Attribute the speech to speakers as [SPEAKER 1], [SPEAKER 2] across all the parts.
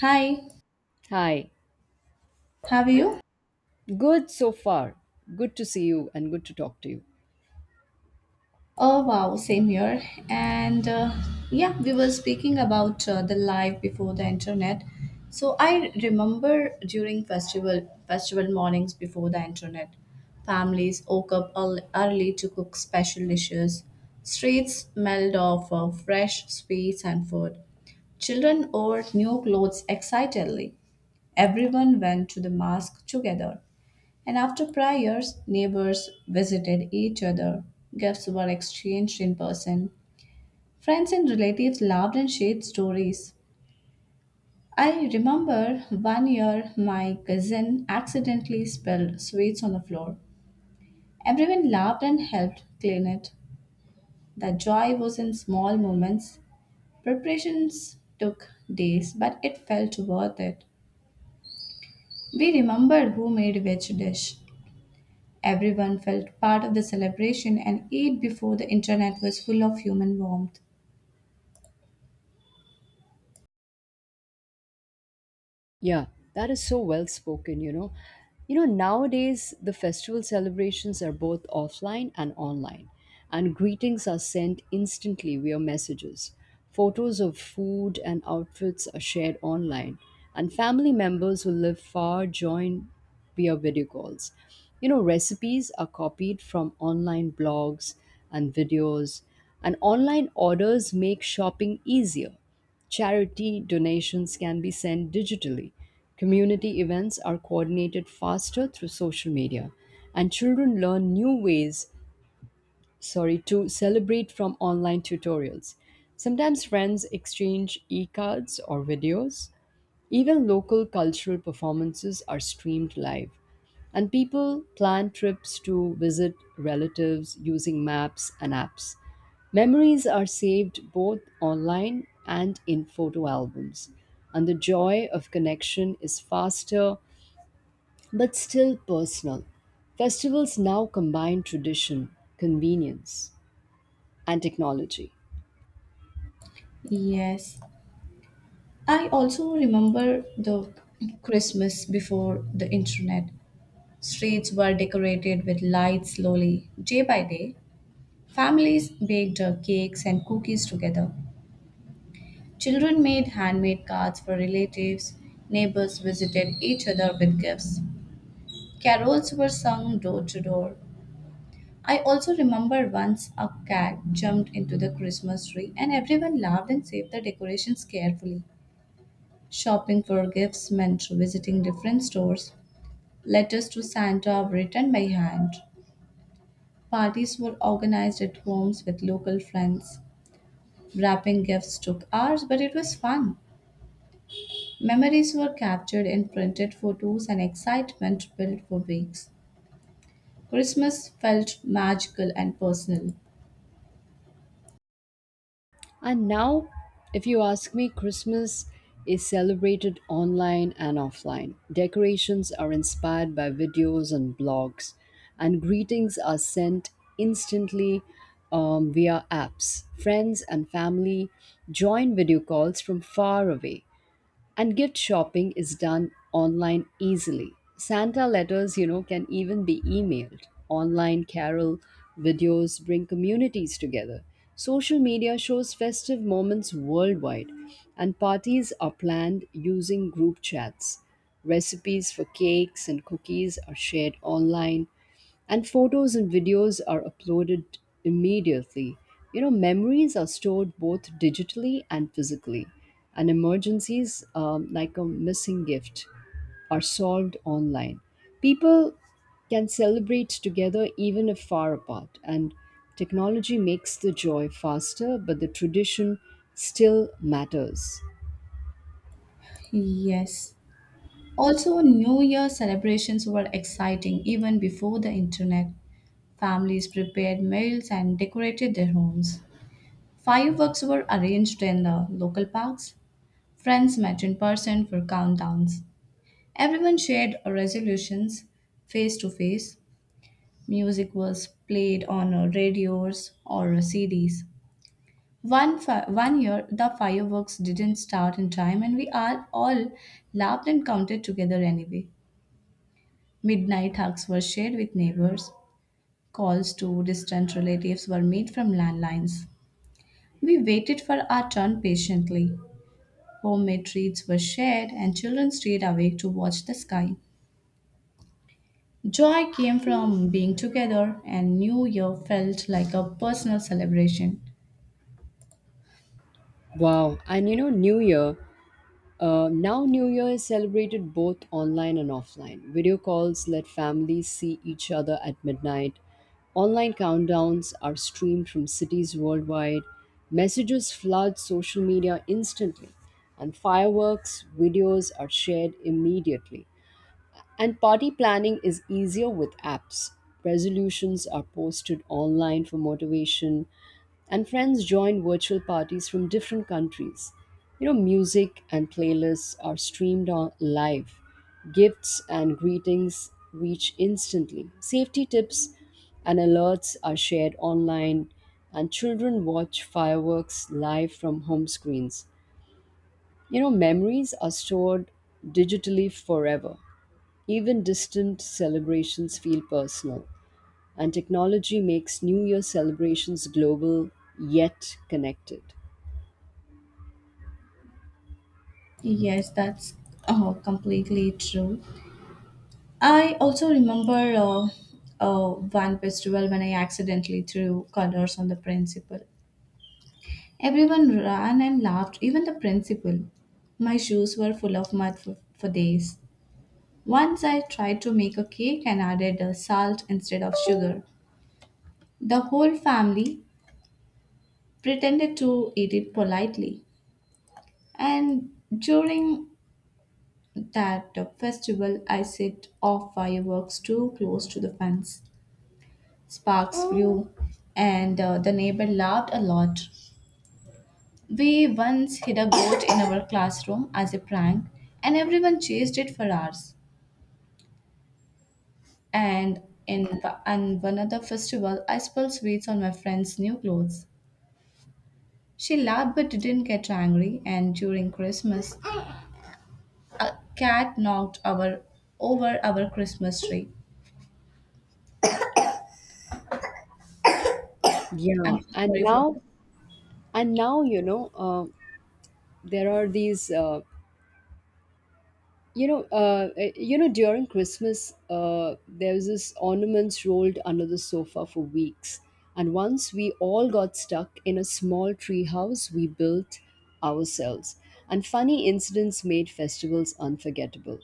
[SPEAKER 1] Hi,
[SPEAKER 2] Hi.
[SPEAKER 1] how are you?
[SPEAKER 2] Good so far. Good to see you and good to talk to you.
[SPEAKER 1] Oh wow, same here. And yeah, we were speaking about the life before the internet. So I remember during festival mornings before the internet, families woke up early to cook special dishes. Streets smelled of fresh sweets and food. Children wore new clothes excitedly. Everyone went to the mosque together. And after prayers, neighbors visited each other, gifts were exchanged in person. Friends and relatives laughed and shared stories. I remember one year my cousin accidentally spilled sweets on the floor. Everyone laughed and helped clean it. The joy was in small moments. Preparations took days, but it felt worth it. We remembered who made which dish. Everyone felt part of the celebration and ate before the internet was full of human warmth.
[SPEAKER 2] Yeah, that is so well spoken. Nowadays the festival celebrations are both offline and online, and greetings are sent instantly via messages. Photos of food and outfits are shared online, and family members who live far join via video calls. Recipes are copied from online blogs and videos, and online orders make shopping easier. Charity donations can be sent digitally. Community events are coordinated faster through social media, and children learn new ways, sorry, to celebrate from online tutorials. Sometimes friends exchange e-cards or videos. Even local cultural performances are streamed live, and people plan trips to visit relatives using maps and apps. Memories are saved both online and in photo albums, and the joy of connection is faster but still personal. Festivals now combine tradition, convenience, and technology.
[SPEAKER 1] Yes. I also remember the Christmas before the internet. Streets were decorated with lights slowly, day by day. Families baked cakes and cookies together. Children made handmade cards for relatives. Neighbors visited each other with gifts. Carols were sung door to door. I also remember once a cat jumped into the Christmas tree and everyone laughed and saved the decorations carefully. Shopping for gifts meant visiting different stores. Letters to Santa were written by hand. Parties were organized at homes with local friends. Wrapping gifts took hours, but it was fun. Memories were captured in printed photos and excitement built for weeks. Christmas felt magical and personal.
[SPEAKER 2] And now, if you ask me, Christmas is celebrated online and offline. Decorations are inspired by videos and blogs, and greetings are sent instantly via apps. Friends and family join video calls from far away. And gift shopping is done online easily. Santa letters, can even be emailed. Online carol videos bring communities together. Social media shows festive moments worldwide, and parties are planned using group chats. Recipes for cakes and cookies are shared online, and photos and videos are uploaded immediately. Memories are stored both digitally and physically, and emergencies, like a missing gift, are solved online. People can celebrate together even if far apart, and technology makes the joy faster, but the tradition still matters.
[SPEAKER 1] Yes. Also, New Year celebrations were exciting even before the internet. Families prepared meals and decorated their homes. Fireworks were arranged in the local parks. Friends met in person for countdowns. Everyone shared resolutions face to face. Music was played on radios or CDs. One year, the fireworks didn't start in time, and we are all laughed and counted together anyway. Midnight hugs were shared with neighbors. Calls to distant relatives were made from landlines. We waited for our turn patiently. Homemade treats were shared, and children stayed awake to watch the sky. Joy came from being together, and New Year felt like a personal celebration.
[SPEAKER 2] Wow, and you know, New Year now, New Year is celebrated both online and offline. Video calls let families see each other at midnight. Online countdowns are streamed from cities worldwide. Messages flood social media instantly. And fireworks videos are shared immediately. And party planning is easier with apps. Resolutions are posted online for motivation, and friends join virtual parties from different countries. Music and playlists are streamed on live. Gifts and greetings reach instantly. Safety tips and alerts are shared online, and children watch fireworks live from home screens. Memories are stored digitally forever. Even distant celebrations feel personal, and technology makes New Year celebrations global yet connected.
[SPEAKER 1] Yes, that's completely true. I also remember uh, one festival when I accidentally threw colors on the principal. Everyone ran and laughed, even the principal. My shoes were full of mud for days. Once I tried to make a cake and added salt instead of sugar. The whole family pretended to eat it politely. And during that festival, I set off fireworks too close to the fence. Sparks flew, and the neighbor laughed a lot. We once hid a goat in our classroom as a prank, and everyone chased it for hours. And in and one other festival, I spilled sweets on my friend's new clothes. She laughed but didn't get angry. And during Christmas, a cat knocked our over our Christmas tree.
[SPEAKER 2] Yeah,
[SPEAKER 1] I'm so
[SPEAKER 2] and
[SPEAKER 1] sorry for
[SPEAKER 2] now
[SPEAKER 1] this.
[SPEAKER 2] and now you know uh, there are these during Christmas, there was this ornaments rolled under the sofa for weeks, and once we all got stuck in a small tree house we built ourselves, and funny incidents made festivals unforgettable.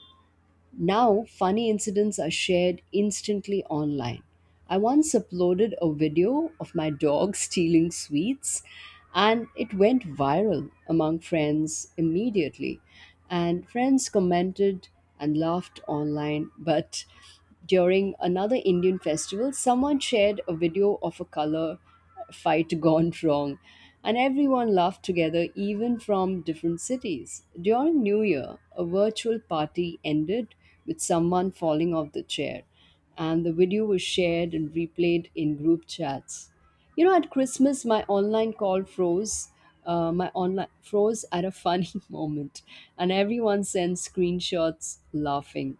[SPEAKER 2] Now, funny incidents are shared instantly online. I once uploaded a video of my dog stealing sweets, and it went viral among friends immediately. And friends commented and laughed online. But during another Indian festival, someone shared a video of a color fight gone wrong, and everyone laughed together, even from different cities. During New Year, a virtual party ended with someone falling off the chair, and the video was shared and replayed in group chats. At Christmas, my online call froze. My online froze at a funny moment, and everyone sent screenshots laughing.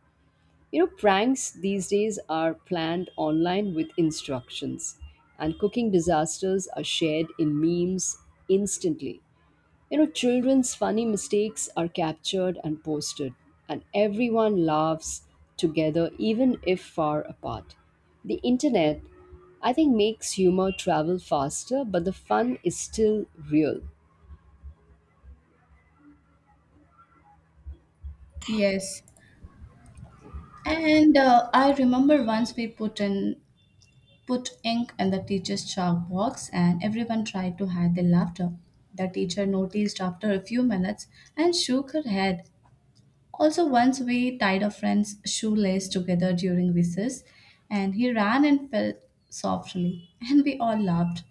[SPEAKER 2] Pranks these days are planned online with instructions, and cooking disasters are shared in memes instantly. Children's funny mistakes are captured and posted, and everyone laughs together, even if far apart. The internet, I think, makes humor travel faster, but the fun is still real.
[SPEAKER 1] Yes, and I remember once we put ink in the teacher's chalk box, and everyone tried to hide their laughter. The teacher noticed after a few minutes and shook her head. Also, once we tied a friend's shoelace together during recess, and he ran and fell softly, and we all laughed.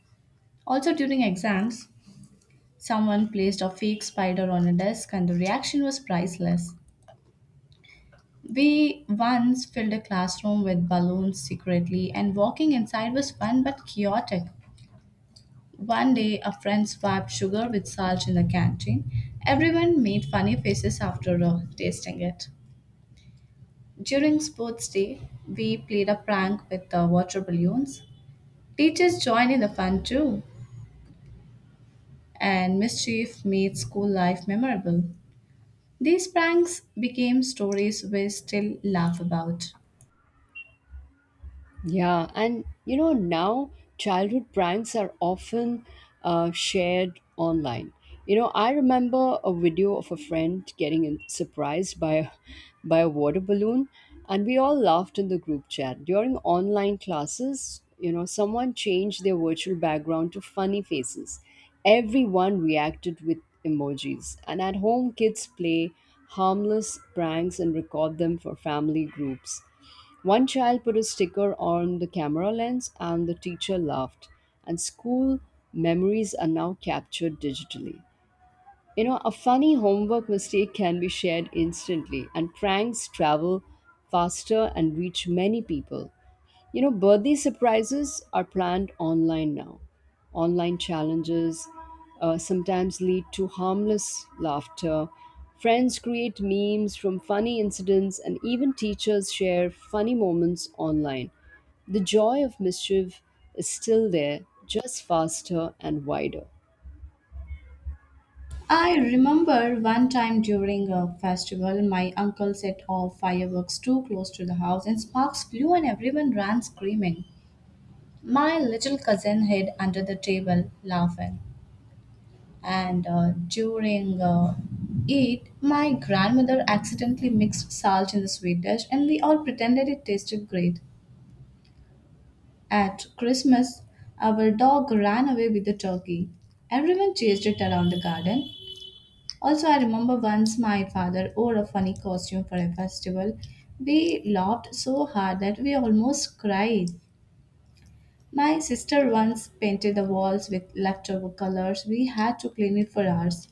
[SPEAKER 1] Also, during exams, someone placed a fake spider on a desk, and the reaction was priceless. We once filled a classroom with balloons secretly, and walking inside was fun but chaotic. One day, a friend swapped sugar with salt in the canteen. Everyone made funny faces after tasting it. During sports day, we played a prank with the water balloons. Teachers joined in the fun too, and mischief made school life memorable. These pranks became stories we still laugh about.
[SPEAKER 2] Yeah, and now childhood pranks are often shared online. I remember a video of a friend surprised by a water balloon, and we all laughed in the group chat. During online classes, someone changed their virtual background to funny faces. Everyone reacted with emojis, and at home, kids play harmless pranks and record them for family groups. One child put a sticker on the camera lens, and the teacher laughed. And school memories are now captured digitally. A funny homework mistake can be shared instantly, and pranks travel faster and reach many people. Birthday surprises are planned online now. Online challenges sometimes lead to harmless laughter. Friends create memes from funny incidents, and even teachers share funny moments online. The joy of mischief is still there, just faster and wider.
[SPEAKER 1] I remember one time during a festival, my uncle set off fireworks too close to the house, and sparks flew, and everyone ran screaming. My little cousin hid under the table laughing, and during it, my grandmother accidentally mixed salt in the sweet dish, and we all pretended it tasted great. At Christmas, our dog ran away with the turkey. Everyone chased it around the garden. Also, I remember once my father wore a funny costume for a festival. We laughed so hard that we almost cried. My sister once painted the walls with leftover colors. We had to clean it for hours.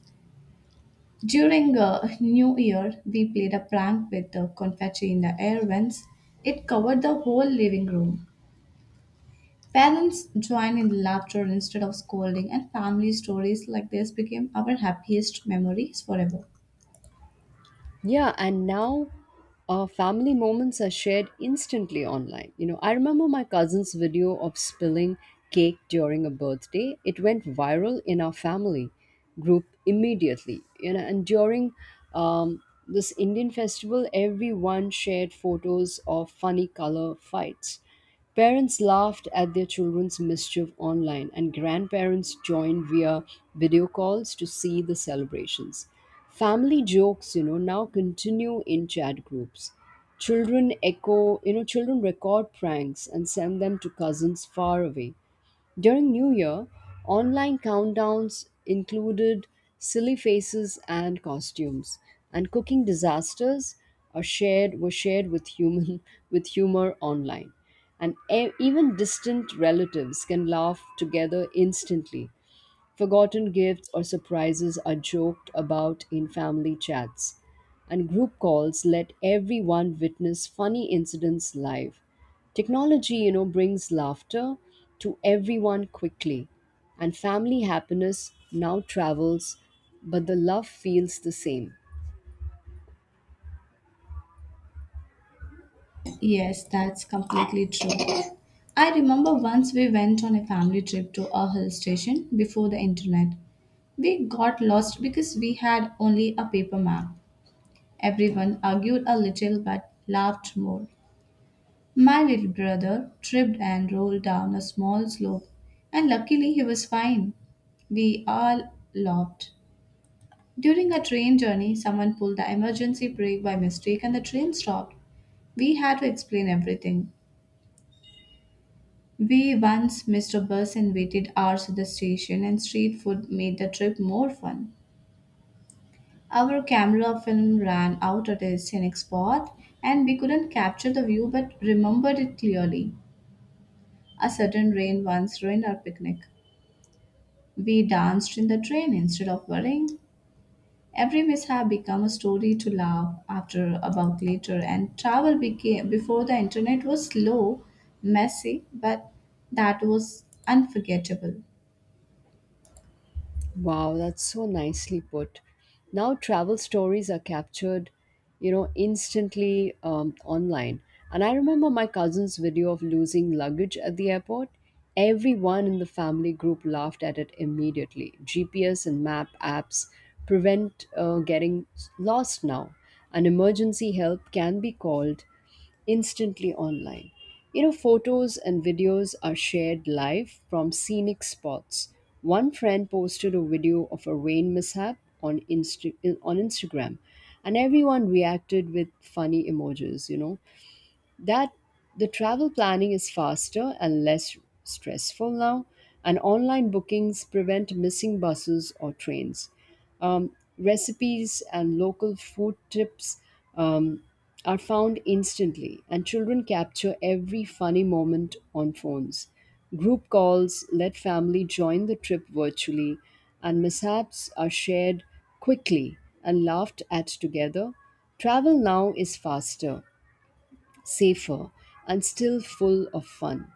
[SPEAKER 1] During New Year, we played a prank with the confetti in the air vents. It covered the whole living room. Parents joined in laughter instead of scolding, and family stories like this became our happiest memories forever.
[SPEAKER 2] Yeah, and now family moments are shared instantly online. I remember my cousin's video of spilling cake during a birthday. It went viral in our family group immediately. And during this Indian festival, everyone shared photos of funny color fights. Parents laughed at their children's mischief online, and grandparents joined via video calls to see the celebrations. Family jokes now continue in chat groups. Children echo, you know, children record pranks and send them to cousins far away. During New Year, online countdowns included silly faces and costumes, and cooking disasters are shared were shared with human with humor online. And even distant relatives can laugh together instantly. Forgotten gifts or surprises are joked about in family chats, and group calls let everyone witness funny incidents live. Technology brings laughter to everyone quickly, and family happiness now travels, but the love feels the same.
[SPEAKER 1] Yes, that's completely true. I remember once we went on a family trip to a hill station before the internet. We got lost because we had only a paper map. Everyone argued a little but laughed more. My little brother tripped and rolled down a small slope, and luckily he was fine. We all laughed. During a train journey, someone pulled the emergency brake by mistake and the train stopped. We had to explain everything. We once missed a bus and waited hours at the station, and street food made the trip more fun. Our camera film ran out at a scenic spot, and we couldn't capture the view but remembered it clearly. A sudden rain once ruined our picnic. We danced in the train instead of worrying. Every mishap became a story to laugh after about later, and travel became before the internet was slow, messy, but that was unforgettable.
[SPEAKER 2] Wow, that's so nicely put. Now, travel stories are captured instantly online. And I remember my cousin's video of losing luggage at the airport. Everyone in the family group laughed at it immediately. GPS and map apps prevent getting lost now. An emergency help can be called instantly online. Photos and videos are shared live from scenic spots. One friend posted a video of a rain mishap on Insta- on Instagram, and everyone reacted with funny emojis. You know, that the travel planning is faster and less stressful now, and online bookings prevent missing buses or trains. Recipes and local food tips um, are found instantly, and children capture every funny moment on phones. Group calls let family join the trip virtually, and mishaps are shared quickly and laughed at together. Travel now is faster, safer, and still full of fun.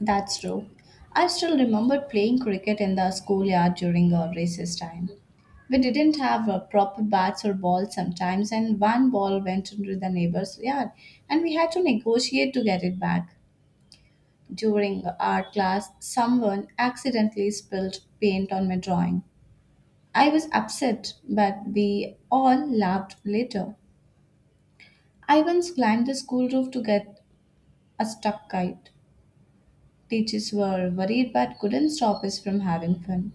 [SPEAKER 1] That's true. I still remember playing cricket in the schoolyard during our recess time. We didn't have proper bats or balls sometimes, and one ball went into the neighbor's yard, and we had to negotiate to get it back. During art class, someone accidentally spilled paint on my drawing. I was upset, but we all laughed later. I once climbed the school roof to get a stuck kite. Teachers were worried but couldn't stop us from having fun.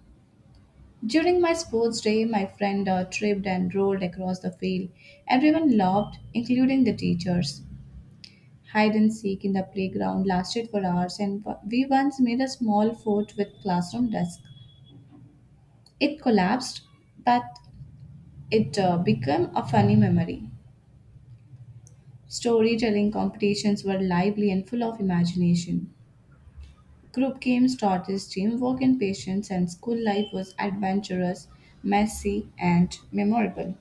[SPEAKER 1] During my sports day, my friend tripped and rolled across the field. Everyone laughed, including the teachers. Hide and seek in the playground lasted for hours, and we once made a small fort with classroom desk. It collapsed, but it became a funny memory. Storytelling competitions were lively and full of imagination. Group games taught us teamwork and patience, and school life was adventurous, messy, and memorable.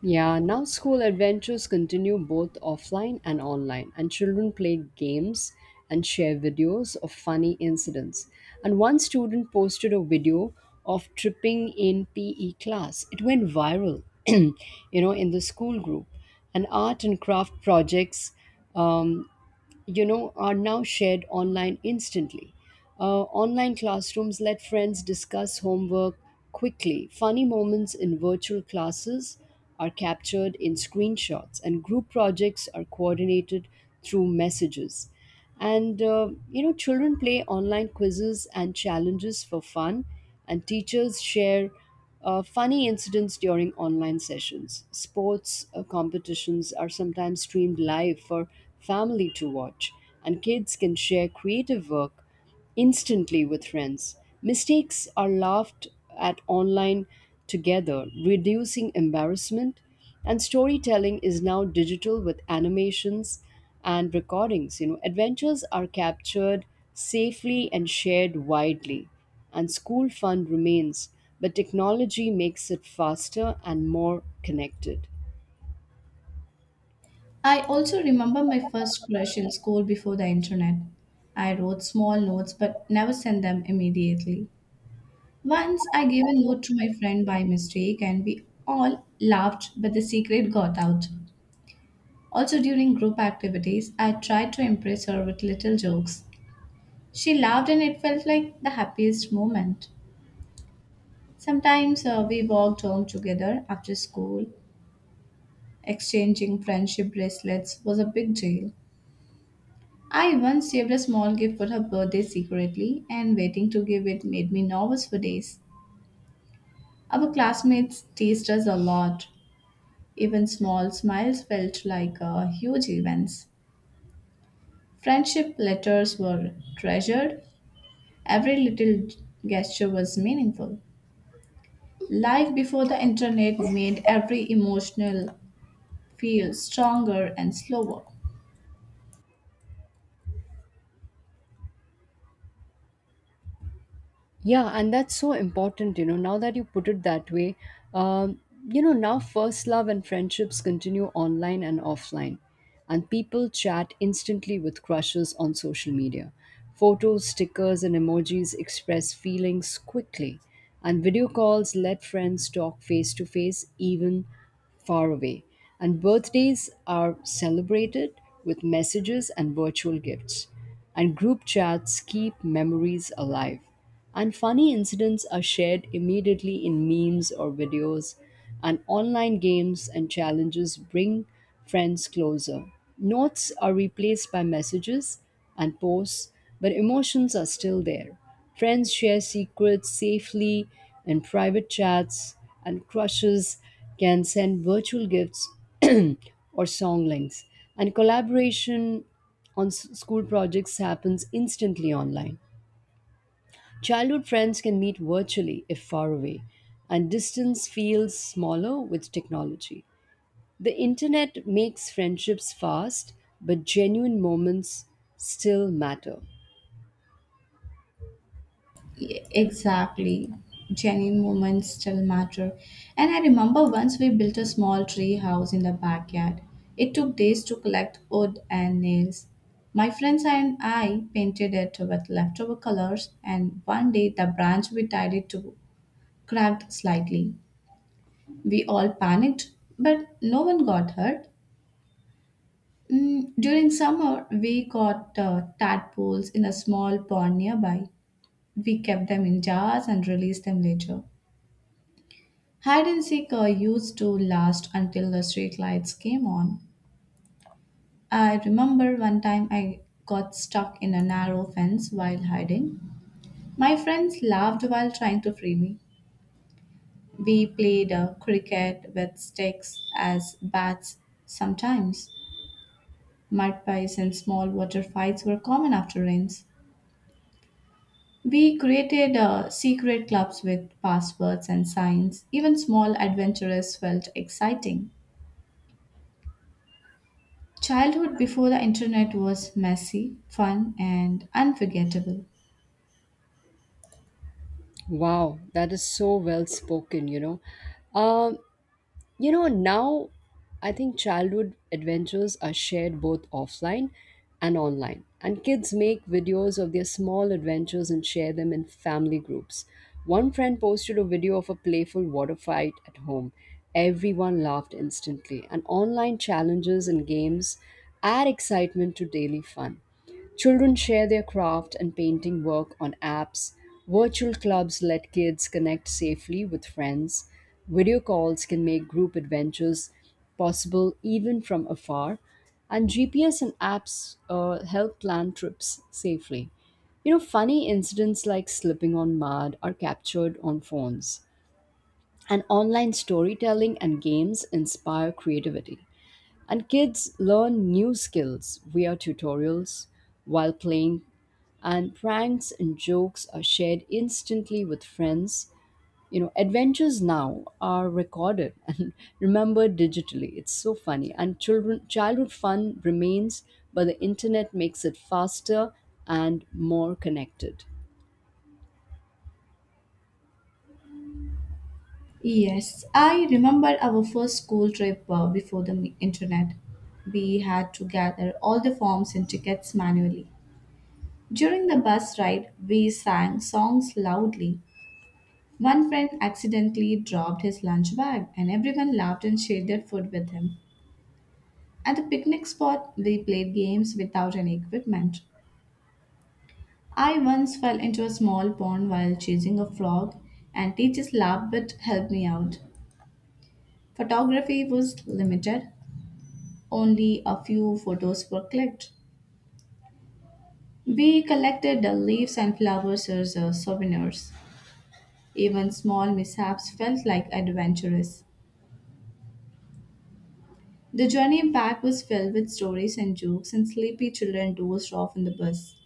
[SPEAKER 2] Yeah, now school adventures continue both offline and online, and children play games and share videos of funny incidents. And one student posted a video of tripping in PE class. It went viral, in the school group. And art and craft projects um, are now shared online instantly. Online classrooms let friends discuss homework quickly. Funny moments in virtual classes are captured in screenshots, and group projects are coordinated through messages. And children play online quizzes and challenges for fun, and teachers share funny incidents during online sessions. Sports competitions are sometimes streamed live for family to watch, and kids can share creative work instantly with friends. Mistakes are laughed at online together, reducing embarrassment. And storytelling is now digital with animations and recordings. Adventures are captured safely and shared widely. And school fun remains, but technology makes it faster and more connected.
[SPEAKER 1] I also remember my first crush in school before the internet. I wrote small notes but never sent them immediately. Once I gave a note to my friend by mistake and we all laughed, but the secret got out. Also, during group activities, I tried to impress her with little jokes. She laughed and it felt like the happiest moment. Sometimes we walked home together after school. Exchanging friendship bracelets was a big deal. I once saved a small gift for her birthday secretly, and waiting to give it made me nervous for days. Our classmates teased us a lot. Even small smiles felt like huge events. Friendship letters were treasured. Every little gesture was meaningful. Life before the internet made every emotional feel stronger and slower.
[SPEAKER 2] Yeah, and that's so important now that you put it that way. Um, now, first love and friendships continue online and offline, and people chat instantly with crushes on social media. Photos, stickers, and emojis express feelings quickly, and video calls let friends talk face to face even far away, and birthdays are celebrated with messages and virtual gifts. And group chats keep memories alive. And funny incidents are shared immediately in memes or videos, and online games and challenges bring friends closer. Notes are replaced by messages and posts, but emotions are still there. Friends share secrets safely in private chats, and crushes can send virtual gifts or song links, and collaboration on school projects happens instantly online. Childhood friends can meet virtually if far away, and distance feels smaller with technology. The internet makes friendships fast, but genuine moments still matter.
[SPEAKER 1] Exactly. Genuine moments still matter. And I remember once we built a small tree house in the backyard. It took days to collect wood and nails. My friends and I painted it with leftover colors, and one day the branch we tied it to cracked slightly. We all panicked, but no one got hurt. Mm, during summer, we caught tadpoles in a small pond nearby. We kept them in jars and released them later. Hide and seek used to last until the street lights came on. I remember one time I got stuck in a narrow fence while hiding. My friends laughed while trying to free me. We played cricket with sticks as bats sometimes. Mud pies and small water fights were common after rains. We created secret clubs with passwords and signs. Even small adventures felt exciting. Childhood before the internet was messy, fun, and unforgettable.
[SPEAKER 2] Wow, that is so well spoken. Um now, I think childhood adventures are shared both offline and online. And kids make videos of their small adventures and share them in family groups. One friend posted a video of a playful water fight at home. Everyone laughed instantly. And online challenges and games add excitement to daily fun. Children share their craft and painting work on apps. Virtual clubs let kids connect safely with friends. Video calls can make group adventures possible even from afar. And GPS and apps help plan trips safely. Funny incidents like slipping on mud are captured on phones. And online storytelling and games inspire creativity. And kids learn new skills via tutorials while playing, and pranks and jokes are shared instantly with friends. Adventures now are recorded and remembered digitally. It's so funny. And children childhood fun remains, but the internet makes it faster and more connected.
[SPEAKER 1] Yes, I remember our first school trip before the internet. We had to gather all the forms and tickets manually. During the bus ride, we sang songs loudly. One friend accidentally dropped his lunch bag, and everyone laughed and shared their food with him. At the picnic spot, we played games without any equipment. I once fell into a small pond while chasing a frog, and teachers laughed but helped me out. Photography was limited, only a few photos were clicked. We collected the leaves and flowers as souvenirs. Even small mishaps felt like adventurous. The journey back was filled with stories and jokes, and sleepy children dozed off in the bus.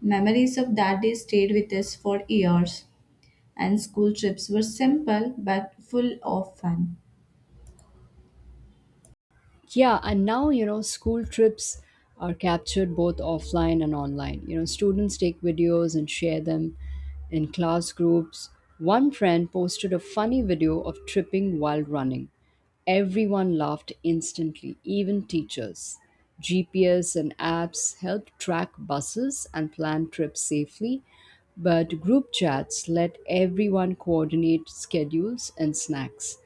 [SPEAKER 1] Memories of that day stayed with us for years, and school trips were simple but full of fun.
[SPEAKER 2] Yeah, and now, school trips are captured both offline and online. Students take videos and share them in class groups. One friend posted a funny video of tripping while running. Everyone laughed instantly, even teachers. GPS and apps help track buses and plan trips safely, but group chats let everyone coordinate schedules and snacks.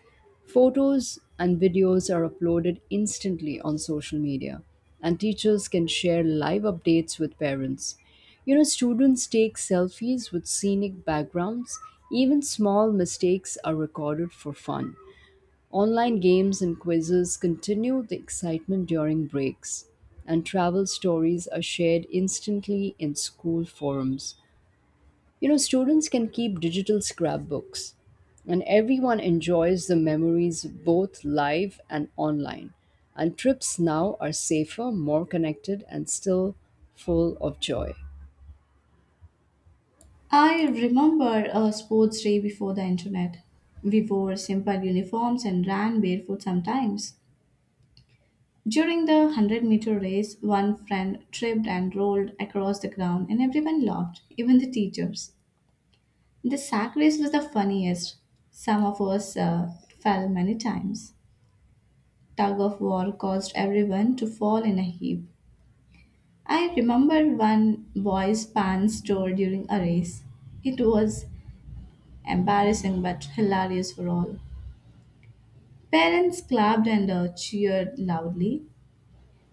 [SPEAKER 2] Photos and videos are uploaded instantly on social media, and teachers can share live updates with parents. Students take selfies with scenic backgrounds. Even small mistakes are recorded for fun. Online games and quizzes continue the excitement during breaks, and travel stories are shared instantly in school forums. Students can keep digital scrapbooks, and everyone enjoys the memories both live and online. And trips now are safer, more connected, and still full of joy.
[SPEAKER 1] I remember a sports day before the internet. We wore simple uniforms and ran barefoot sometimes. During the 100-meter meter race, one friend tripped and rolled across the ground, and everyone laughed, even the teachers. The sack race was the funniest. Some of us fell many times. Tug of war caused everyone to fall in a heap. I remember one boy's pants tore during a race. It was embarrassing but hilarious for all. Parents clapped and cheered loudly.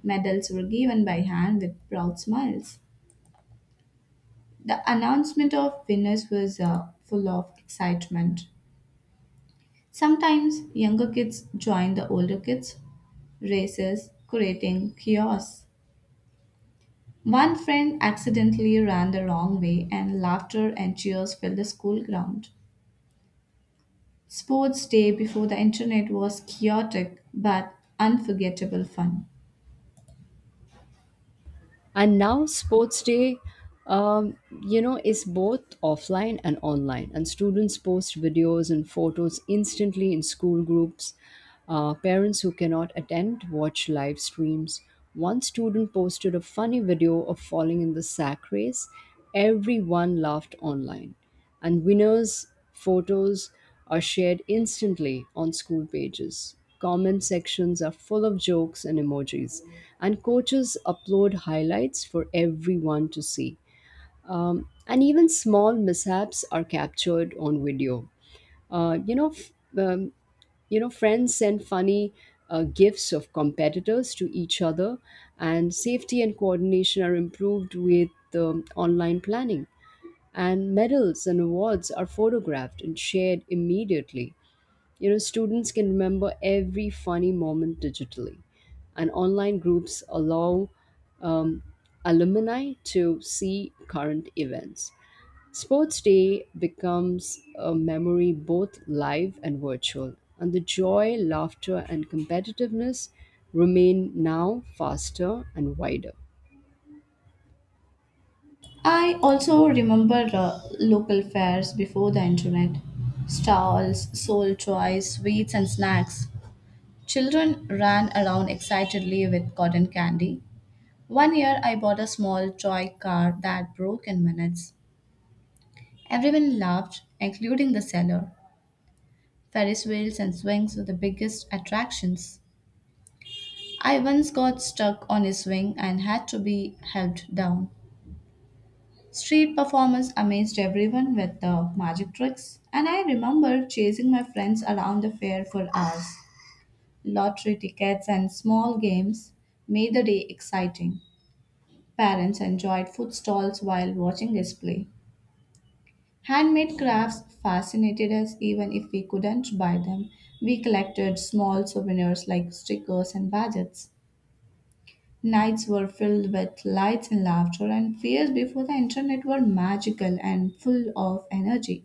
[SPEAKER 1] Medals were given by hand with proud smiles. The announcement of winners was full of excitement. Sometimes younger kids joined the older kids' races, creating chaos. One friend accidentally ran the wrong way, and laughter and cheers filled the school ground. Sports day before the internet was chaotic but unforgettable fun.
[SPEAKER 2] And now sports day um, you know is both offline and online, and students post videos and photos instantly in school groups. Parents who cannot attend watch live streams. One student posted a funny video of falling in the sack race. Everyone laughed online, and winners' photos are shared instantly on school pages. Comment sections are full of jokes and emojis, and coaches upload highlights for everyone to see. And even small mishaps are captured on video. Uh, you know, f- um, friends send funny gifts of competitors to each other, and safety and coordination are improved with online planning, and medals and awards are photographed and shared immediately. Students can remember every funny moment digitally, and online groups allow um, alumni to see current events. Sports Day becomes a memory both live and virtual, and the joy, laughter, and competitiveness remain now faster and wider.
[SPEAKER 1] I also remember local fairs before the internet stalls, sold toys, sweets, and snacks. Children ran around excitedly with cotton candy. One year I bought a small toy car that broke in minutes. Everyone laughed, including the seller. Ferris wheels and swings were the biggest attractions. I once got stuck on a swing and had to be helped down. Street performers amazed everyone with the magic tricks, and I remember chasing my friends around the fair for hours. Lottery tickets and small games made the day exciting. Parents enjoyed food stalls while watching us play. Handmade crafts fascinated us even if we couldn't buy them. We collected small souvenirs like stickers and badges. Nights were filled with lights and laughter, and fairs before the internet were magical and full of energy.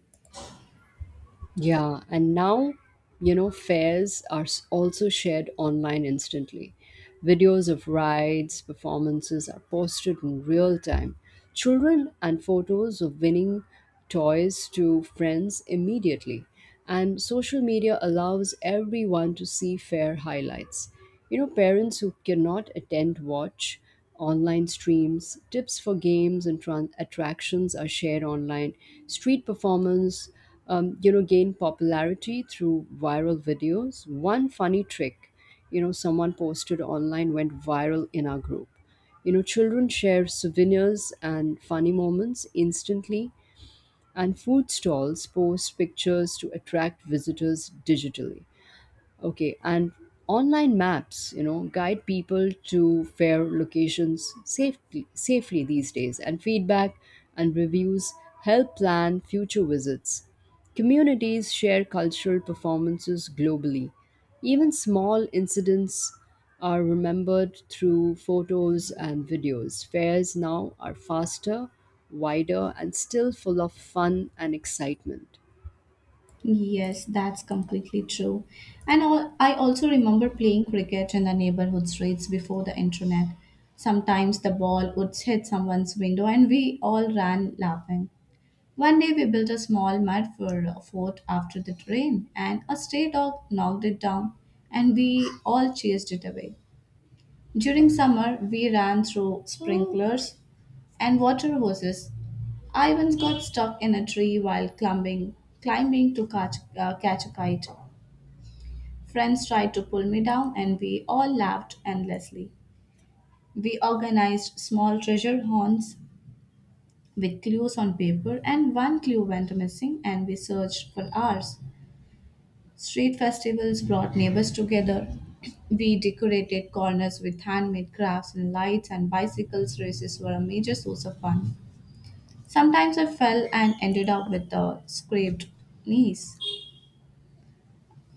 [SPEAKER 2] Yeah, and now, fares are also shared online instantly. Videos of rides, performances are posted in real time. Children and photos of winning toys to friends immediately. And social media allows everyone to see fair highlights. Parents who cannot attend watch online streams. Tips for games and attractions are shared online. Street performance gain popularity through viral videos. One funny trick, someone posted online went viral in our group. Children share souvenirs and funny moments instantly, and food stalls post pictures to attract visitors digitally. Okay, and online maps guide people to fair locations safely these days. And feedback and reviews help plan future visits. Communities share cultural performances globally. Even small incidents are remembered through photos and videos. Fairs now are faster, wider, and still full of fun and excitement.
[SPEAKER 1] Yes, that's completely true. And I also remember playing cricket in the neighborhood streets before the internet. Sometimes the ball would hit someone's window and we all ran laughing. One day we built a small mud for a fort after the rain and a stray dog knocked it down and we all chased it away. During summer, we ran through sprinklers and water hoses. I once got stuck in a tree while climbing to catch a kite. Friends tried to pull me down, and we all laughed endlessly. We organized small treasure hunts with clues on paper, and one clue went missing, and we searched for hours. Street festivals brought neighbors together. We decorated corners with handmade crafts and lights, and bicycles races were a major source of fun. Sometimes I fell and ended up with a scraped knees.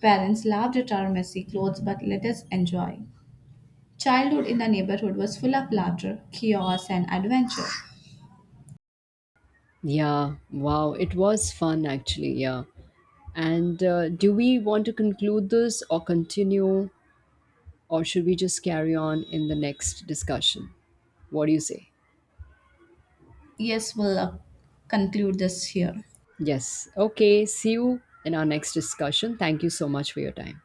[SPEAKER 1] Parents laughed at our messy clothes but let us enjoy. Childhood in the neighborhood was full of laughter, chaos, and adventure.
[SPEAKER 2] Yeah, wow, it was fun actually. Yeah. And do we want to conclude this or continue, or should we just carry on in the next discussion? What do you say?
[SPEAKER 1] Yes, we'll conclude this here.
[SPEAKER 2] Yes. Okay, see you in our next discussion. Thank you so much for your time.